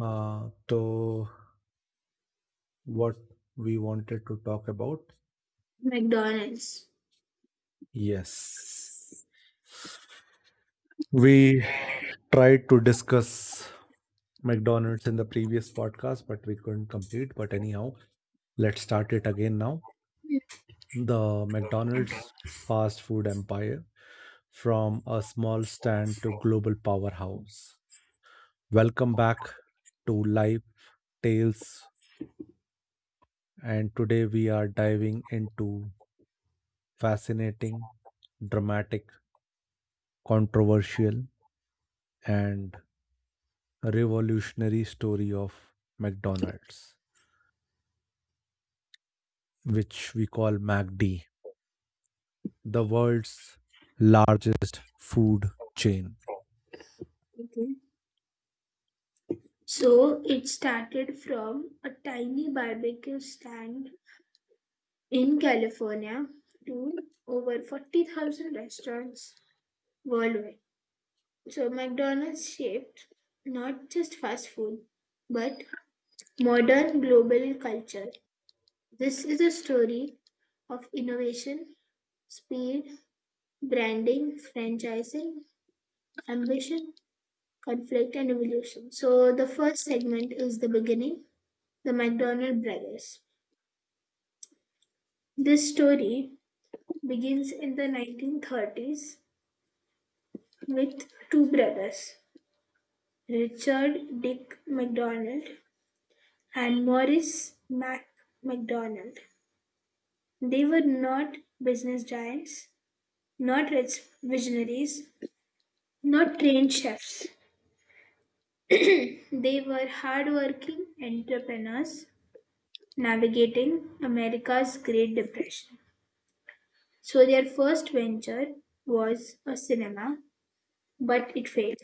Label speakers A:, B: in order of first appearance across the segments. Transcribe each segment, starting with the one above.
A: So what we wanted to talk about?
B: McDonald's.
A: Yes, we tried to discuss McDonald's in the previous podcast, but we couldn't complete. But anyhow, let's start it again now.
B: Hmm.
A: The McDonald's fast food empire from a small stand to global powerhouse. Welcome back to Live Tales, and today we are diving into fascinating, dramatic, controversial and revolutionary story of McDonald's, which we call MACD, the world's largest food chain.
B: Okay. So it started from a tiny barbecue stand in California to over 40,000 restaurants worldwide. So McDonald's shaped not just fast food, but modern global culture. This is a story of innovation, speed, branding, franchising, ambition, conflict and evolution. So, the first segment is the beginning, the McDonald brothers. This story begins in the 1930s with two brothers, Richard Dick McDonald and Maurice Mac McDonald. They were not business giants, not rich visionaries, not trained chefs. They were hardworking entrepreneurs navigating America's Great Depression. So their first venture was a cinema, but it failed.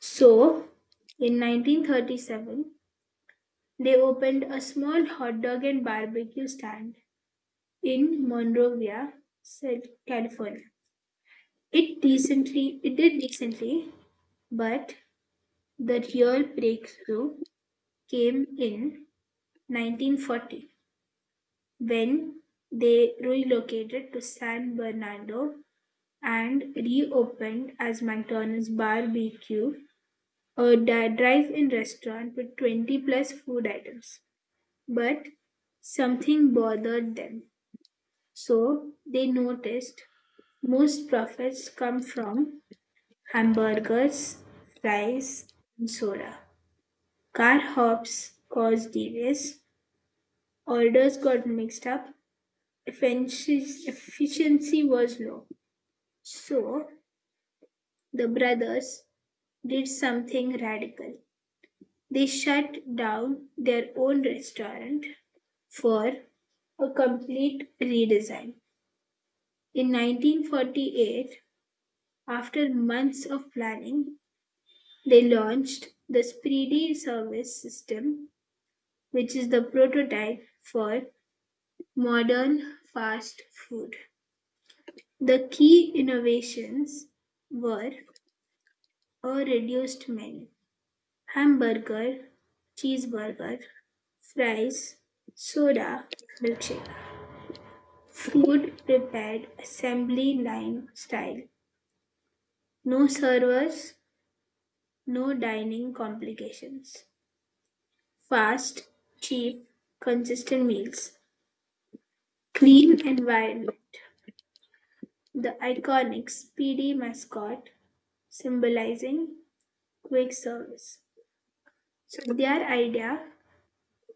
B: So in 1937, they opened a small hot dog and barbecue stand in Monrovia, said California. It did decently, but the real breakthrough came in 1940 when they relocated to San Bernardo and reopened as McDonald's Bar-B-Q, a drive-in restaurant with 20 plus food items. But something bothered them. So they noticed most profits come from hamburgers, fries, and soda. Car hops caused delays, orders got mixed up, efficiency efficiency was low. So the brothers did something radical. They shut down their own restaurant for a complete redesign. In 1948, after months of planning, they launched the Spready service system, which is the prototype for modern fast food. The key innovations were a reduced menu: hamburger, cheeseburger, fries, soda, milkshake. Food prepared assembly line style. No servers, no dining complications. Fast, cheap, consistent meals. Clean environment. The iconic speedy mascot symbolizing quick service. So their idea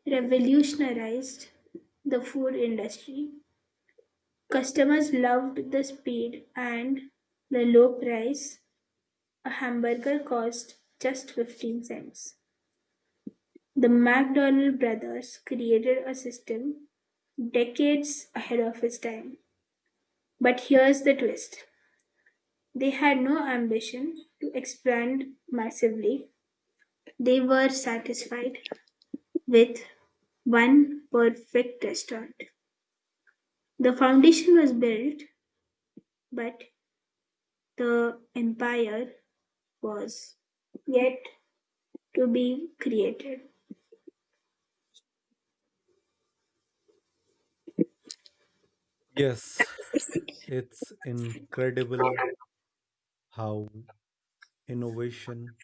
B: revolutionized the food industry. Customers loved the speed and the low price; a hamburger cost just 15 cents. The McDonald brothers created a system decades ahead of its time. But here's the twist: they had no ambition to expand massively, they were satisfied with one perfect restaurant. The foundation was built, but the empire was yet to be created.
A: Yes, it's incredible how innovation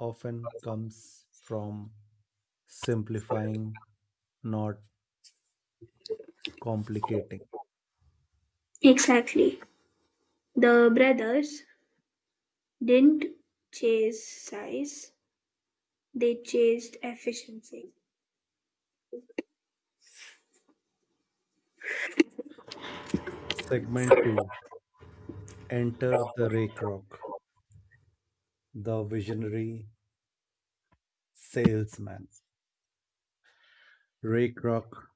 A: often comes from simplifying, not complicating.
B: Exactly. The brothers didn't chase size, they chased efficiency.
A: Segment 2: enter the Ray Kroc, the visionary salesman. Ray Kroc,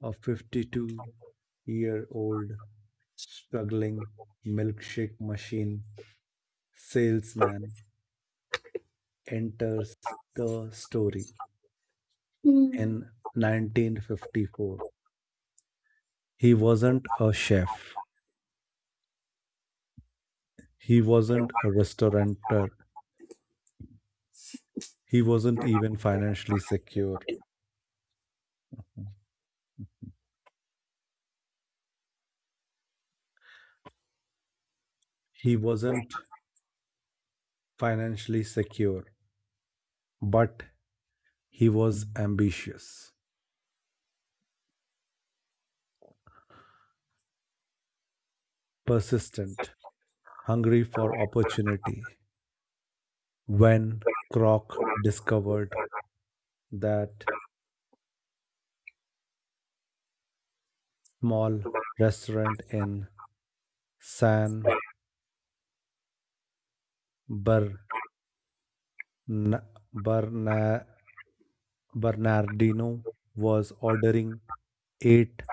A: a 52-year-old struggling milkshake machine salesman, enters the story
B: Hmm.
A: in 1954. He wasn't a chef, he wasn't a restaurateur, he wasn't even financially secure. He wasn't financially secure, but he was ambitious, persistent, hungry for opportunity. When Kroc discovered that small restaurant in San Bern- Berna- Bernardino was ordering eight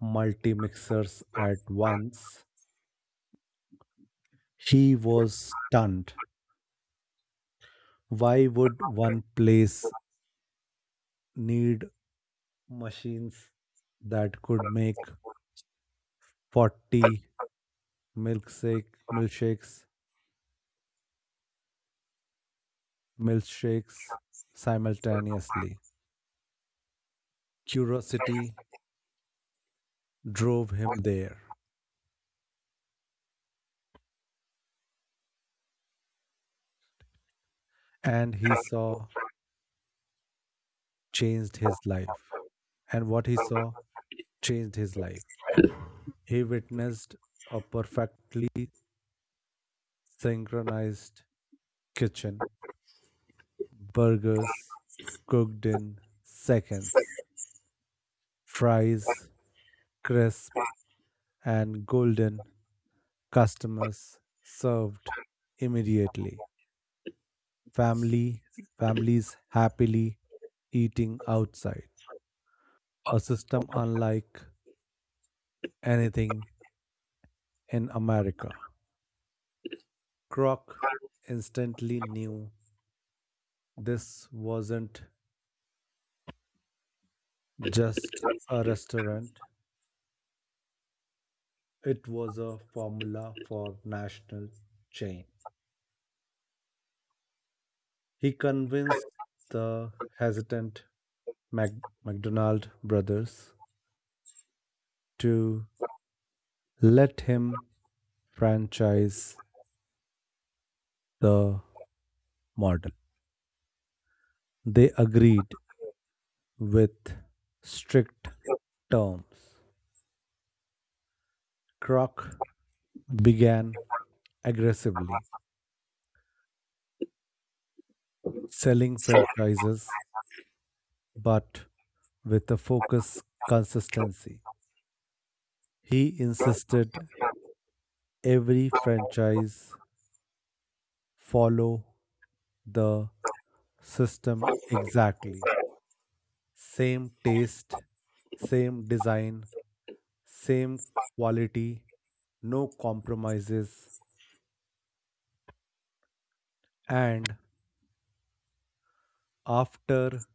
A: multi-mixers at once, he was stunned. Why would one place need machines that could make 40 milkshake, milkshakes, milkshakes simultaneously? Curiosity drove him there. and he saw changed his life. And what he saw changed his life. He witnessed a perfectly synchronized kitchen, burgers cooked in seconds, fries crisp and golden, customers served immediately, family families happily eating outside. A system unlike anything in America. Kroc instantly knew this wasn't just a restaurant, it was a formula for national chain. He convinced the hesitant McDonald brothers to let him franchise the model. They agreed with strict terms. Kroc began aggressively selling franchises but with a focus consistency. He insisted every franchise follow the system exactly. Same taste, same design, same quality, no compromises. And after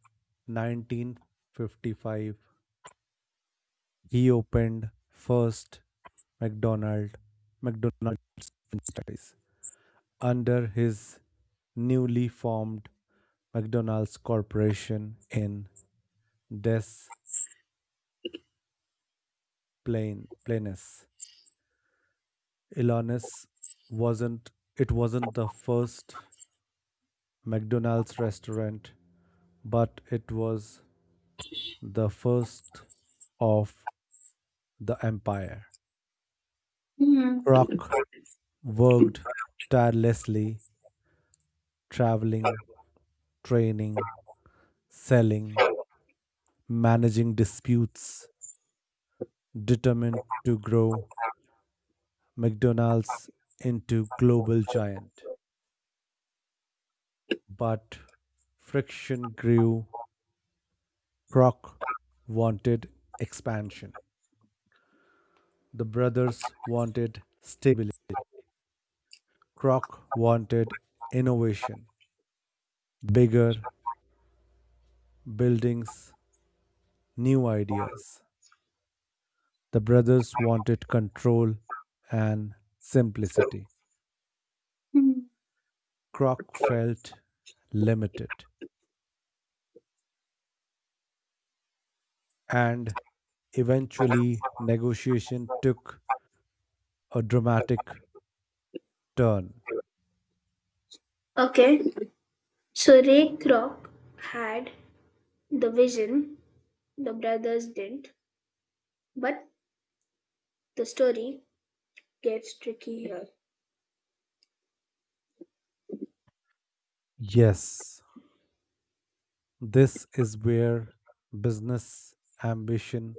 A: 1955, he opened first McDonald McDonald's franchise under his newly formed McDonald's Corporation in Des Plaines. Illinois wasn't, it wasn't the first McDonald's restaurant, but it was the first of the empire.
B: Hmm.
A: Kroc worked tirelessly, traveling, training, selling, managing disputes, determined to grow McDonald's into global giant, but friction grew. Kroc wanted expansion. The brothers wanted stability. Kroc wanted innovation, bigger buildings, new ideas. The brothers wanted control and simplicity.
B: Hmm.
A: Kroc felt limited, and eventually negotiation took a dramatic turn.
B: Okay, so Ray Kroc had the vision, the brothers didn't, but the story gets tricky here.
A: Yes, this is where business ambition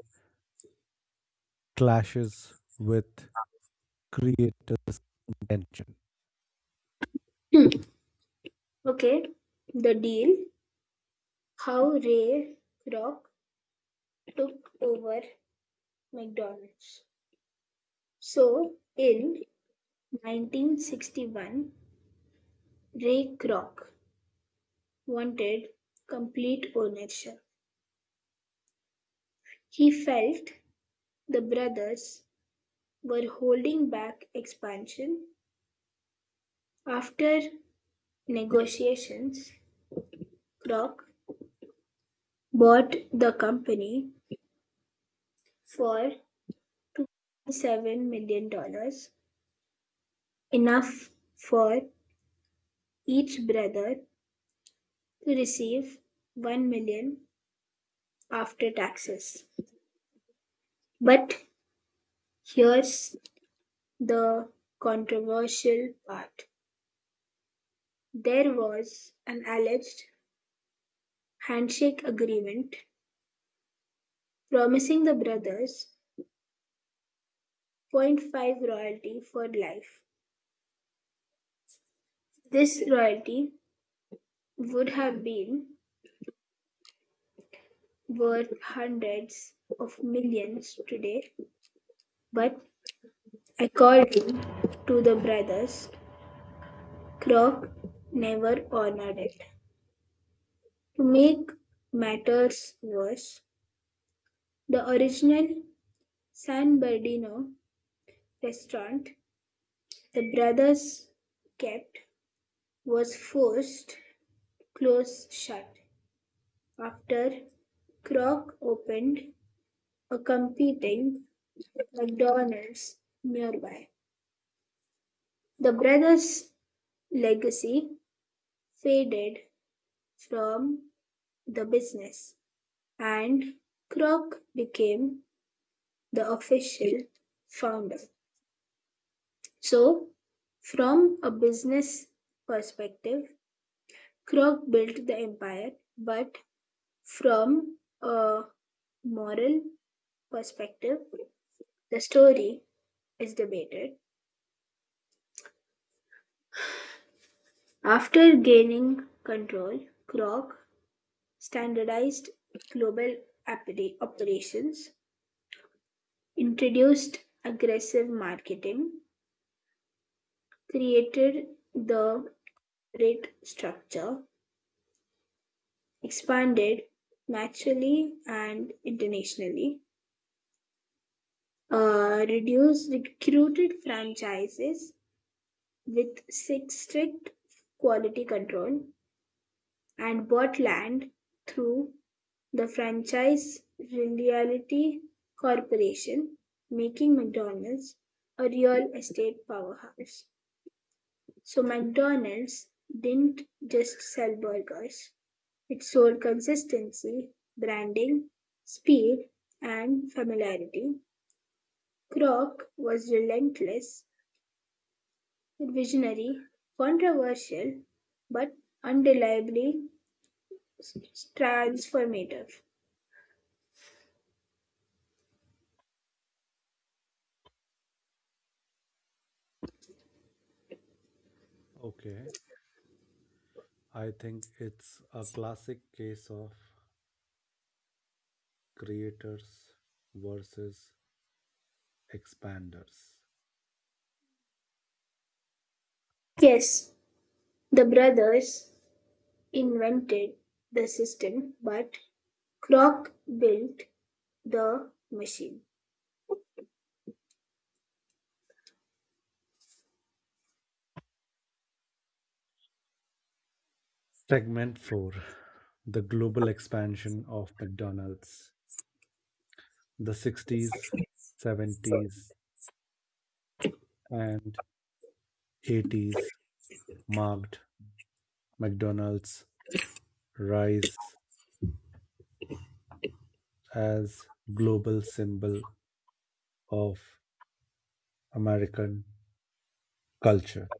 A: clashes with creator's intention.
B: Hmm. Okay, the deal: how Ray Kroc took over McDonald's. So, in 1961, Ray Kroc wanted complete ownership. He felt the brothers were holding back expansion. After negotiations, Kroc bought the company for $7 million dollars, enough for each brother to receive 1 million after taxes. But here's the controversial part. There was an alleged handshake agreement promising the brothers zero point 0.5 royalty for life. This royalty would have been worth hundreds of millions today, but according to the brothers, Kroc never honored it. To make matters worse, the original San Bernardino restaurant the brothers kept was forced to close shut after Kroc opened a competing McDonald's nearby. The brothers' legacy faded from the business, and Kroc became the official founder. So, from a business perspective, Kroc built the empire, but from a moral perspective, the story is debated. After gaining control, Kroc standardized global operations, introduced aggressive marketing, created the rate structure, expanded nationally and internationally, reduced recruited franchises with strict quality control, and bought land through the Franchise Realty Corporation, making McDonald's a real estate powerhouse. So, McDonald's didn't just sell burgers, it sold consistency, branding, speed, and familiarity. Kroc was relentless, visionary, controversial, but undeniably transformative.
A: Okay, I think it's a classic case of creators versus expanders.
B: Yes, the brothers invented the system, but Kroc built the machine.
A: Segment 4: the global expansion of McDonald's. The 60s, 70s, and 80s marked McDonald's rise as global symbol of American culture.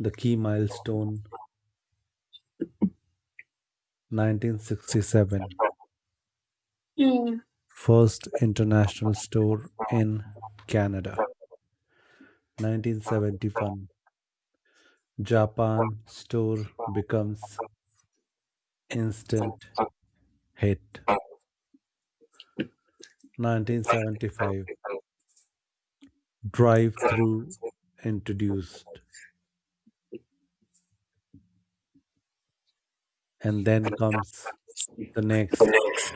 A: The key milestone: 1967,
B: Mm.
A: first international store in Canada. 1971, Japan store becomes instant hit. 1975, drive
B: Hmm.
A: through introduced, and then comes the next.
B: Yes.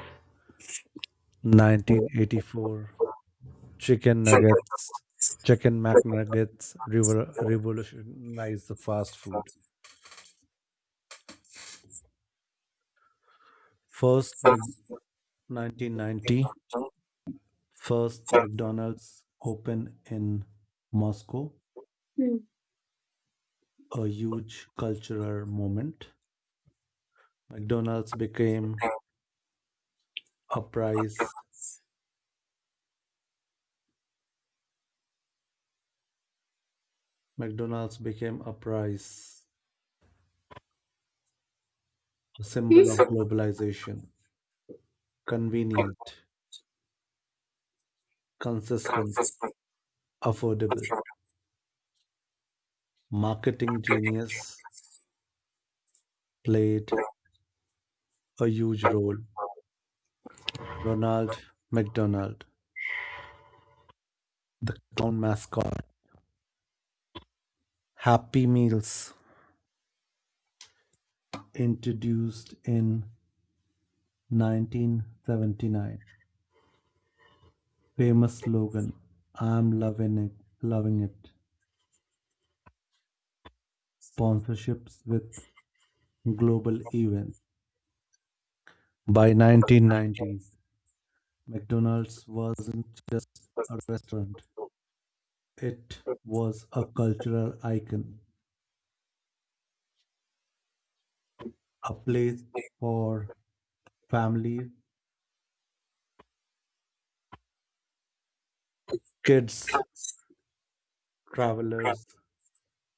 A: 1984, chicken nuggets, chicken McNuggets revolutionized the fast food. First, Mc- 1990, McDonald's opened in Moscow, a huge cultural moment. McDonald's became a prize. McDonald's became a prize, a symbol of globalization, convenient, consistent, affordable. Marketing genius played a huge role. Ronald McDonald, town mascot, Happy Meals, introduced in 1979. Famous slogan, I'm loving it, loving it. Sponsorships with global events. By 1990s, McDonald's wasn't just a restaurant. It was a cultural icon, a place for families, kids, travelers,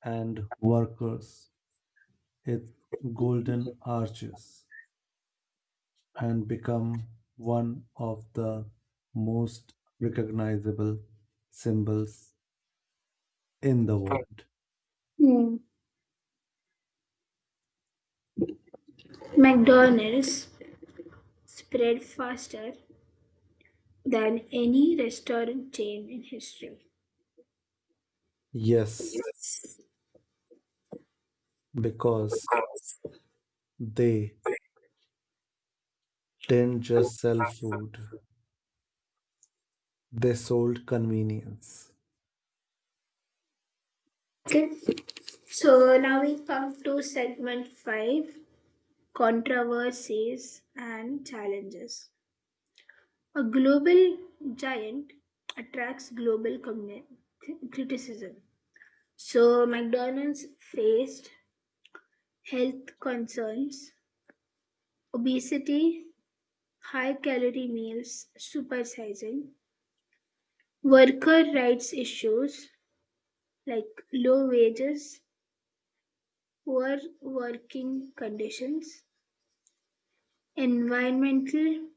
A: and workers. Its golden arches and become one of the most recognizable symbols in the world.
B: Hmm. McDonald's spread faster than any restaurant chain in history.
A: Yes, because they didn't just sell food, they sold convenience.
B: Okay, so now we come to segment five: controversies and challenges. A global giant attracts global criticism. So, McDonald's faced health concerns, obesity, high calorie meals, supersizing, worker rights issues like low wages, poor working conditions, environmental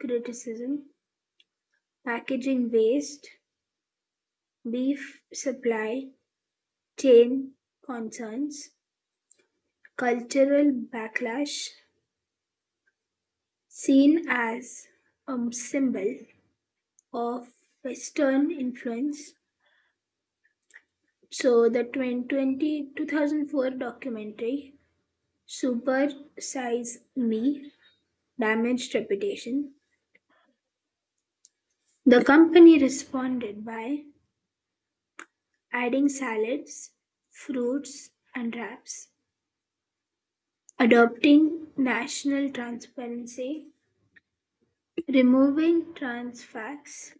B: criticism, packaging waste, beef supply chain concerns, cultural backlash, seen as a symbol of Western influence. So the 2020 2004 documentary Super Size Me damaged reputation. The company responded by adding salads, fruits, and wraps, adopting national transparency, removing trans fats,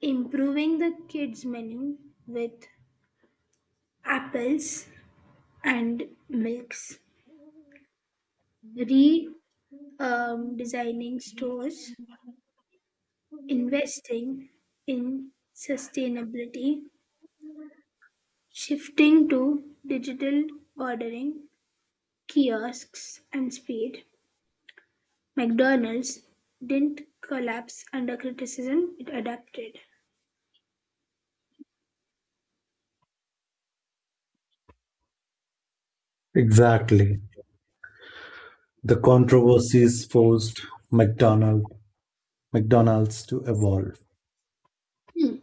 B: improving the kids menu with apples and milks, re designing stores, investing in sustainability, shifting to digital ordering, kiosks and speed. McDonald's didn't collapse under criticism, it adapted.
A: Exactly. The controversies forced McDonald, McDonald's to evolve.
B: Hmm.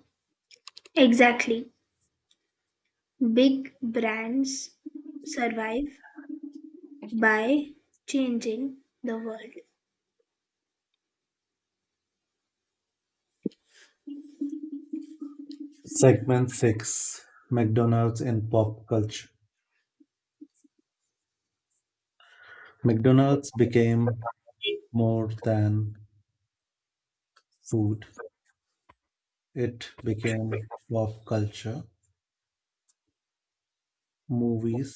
B: Exactly. Big brands survive by changing the world.
A: Segment 6: McDonald's in pop culture. McDonald's became more than food. It became pop culture, movies,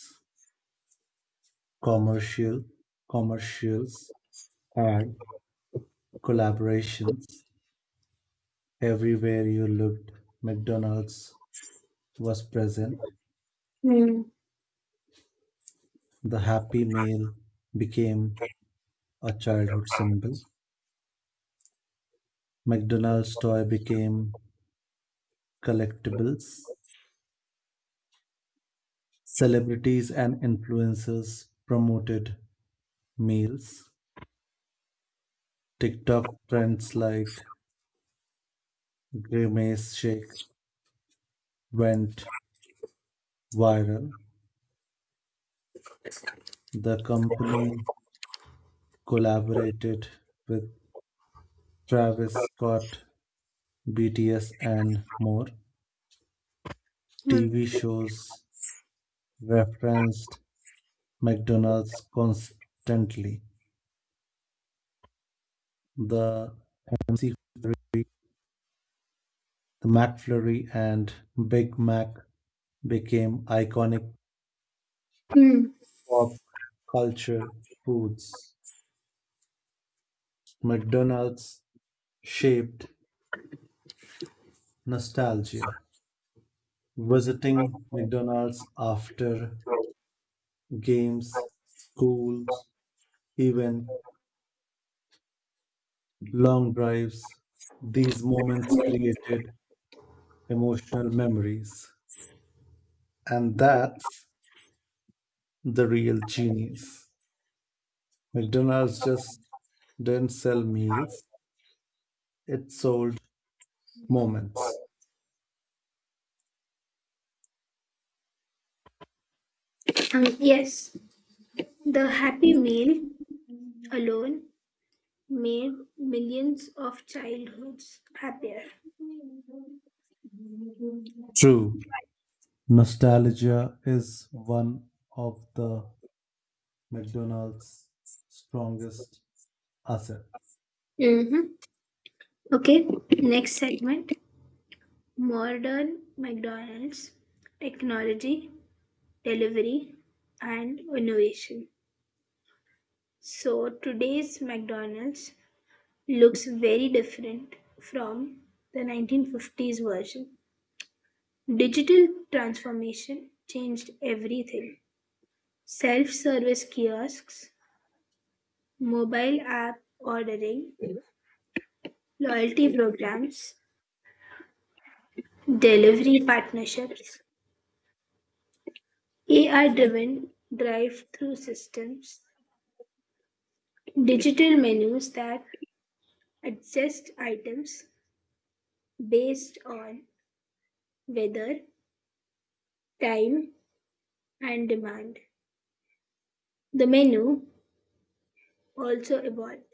A: commercial, commercials, and collaborations. Everywhere you looked, McDonald's was present.
B: Hmm.
A: The Happy Meal became a childhood symbol. McDonald's toy became collectibles. Celebrities and influencers promoted meals. TikTok trends like Grimace shake went viral, the company collaborated with Travis Scott, BTS, and more. TV
B: Hmm.
A: shows referenced McDonald's constantly. The MC, the McFlurry, and Big Mac became iconic
B: Hmm.
A: pop culture foods. McDonald's shaped nostalgia. Visiting McDonald's after games, schools, even long drives. These moments created emotional memories. And that's the real genius. McDonald's just didn't sell meals, it sold
B: Um,
A: moments.
B: yes, the Happy Meal alone made millions of childhoods happier.
A: True. Nostalgia is one of the McDonald's strongest assets.
B: Mm-hmm. Okay, next segment: modern McDonald's, technology, delivery, and innovation. So, today's McDonald's looks very different from the 1950s version. Digital transformation changed everything. Self service kiosks, mobile app ordering, loyalty programs, delivery partnerships, AI driven drive through systems, digital menus that adjust items based on weather, time, and demand. The menu also evolved: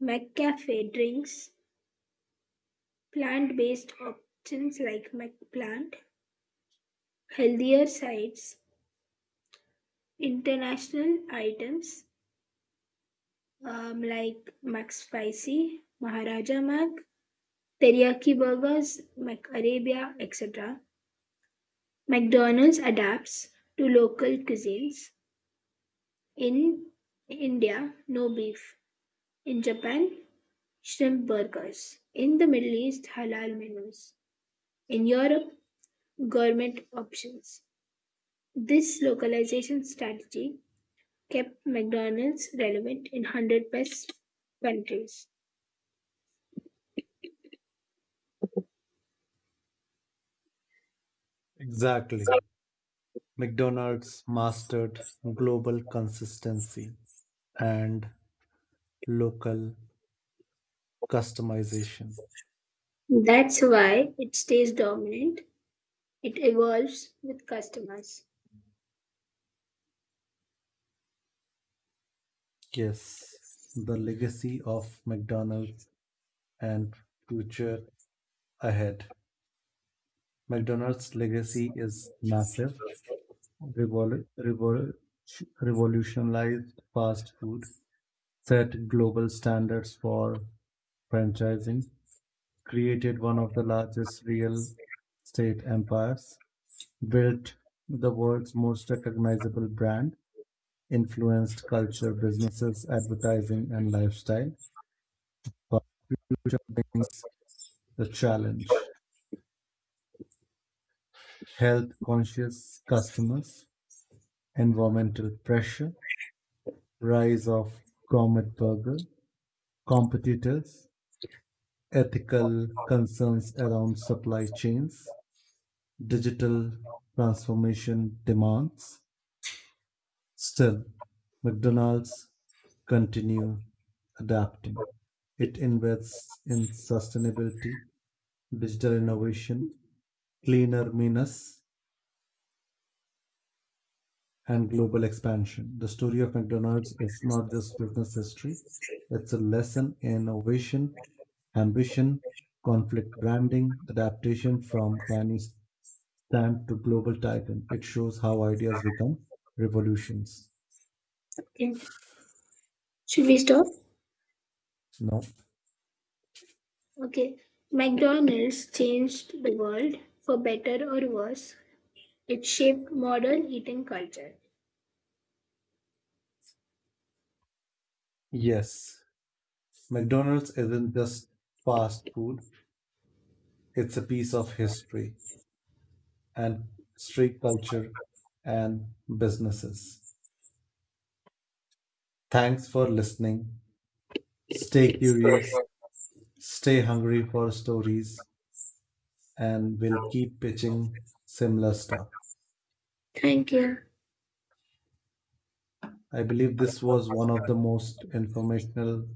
B: McCafe drinks, plant-based options like McPlant, healthier sides, international items like McSpicy, Maharaja Mac, teriyaki burgers, McArabia, etc. McDonald's adapts to local cuisines. In India, no beef. In Japan, shrimp burgers. In the Middle East, halal menus. In Europe, gourmet options. This localization strategy kept McDonald's relevant in 100 plus countries.
A: Exactly. McDonald's mastered global consistency and local customization.
B: That's why it stays dominant. It evolves with customers.
A: Yes, the legacy of McDonald's and future ahead. McDonald's legacy is massive, revol- revol- revolutionized fast food, set global standards for franchising, created one of the largest real estate empires, built the world's most recognizable brand, influenced culture, businesses, advertising, and lifestyle. But future brings the challenge: health conscious customers, environmental pressure, rise of gourmet burger, competitors, ethical concerns around supply chains, digital transformation demands. Still, McDonald's continue adapting. It invests in sustainability, digital innovation, cleaner means, and global expansion. The story of McDonald's is not just business history, it's a lesson in innovation, ambition, conflict branding, adaptation from tiny stand to global titan. It shows how ideas become revolutions.
B: Okay. Should we stop?
A: No?
B: Okay. McDonald's changed the world for better or worse. It shaped modern eating culture.
A: Yes. McDonald's isn't just fast food, it's a piece of history and street culture and businesses. Thanks for listening. Stay curious, stay hungry for stories, and we'll keep pitching similar stuff.
B: Thank you.
A: I believe this was one of the most informational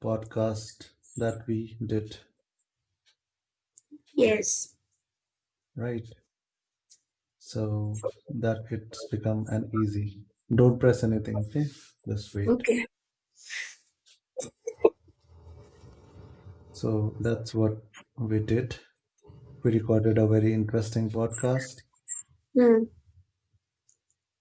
A: podcasts that we did,
B: Yes.
A: right? So that it's become an easy. Don't press anything, okay? Just wait.
B: Okay.
A: So that's what we did. We recorded a very interesting podcast
B: Hmm.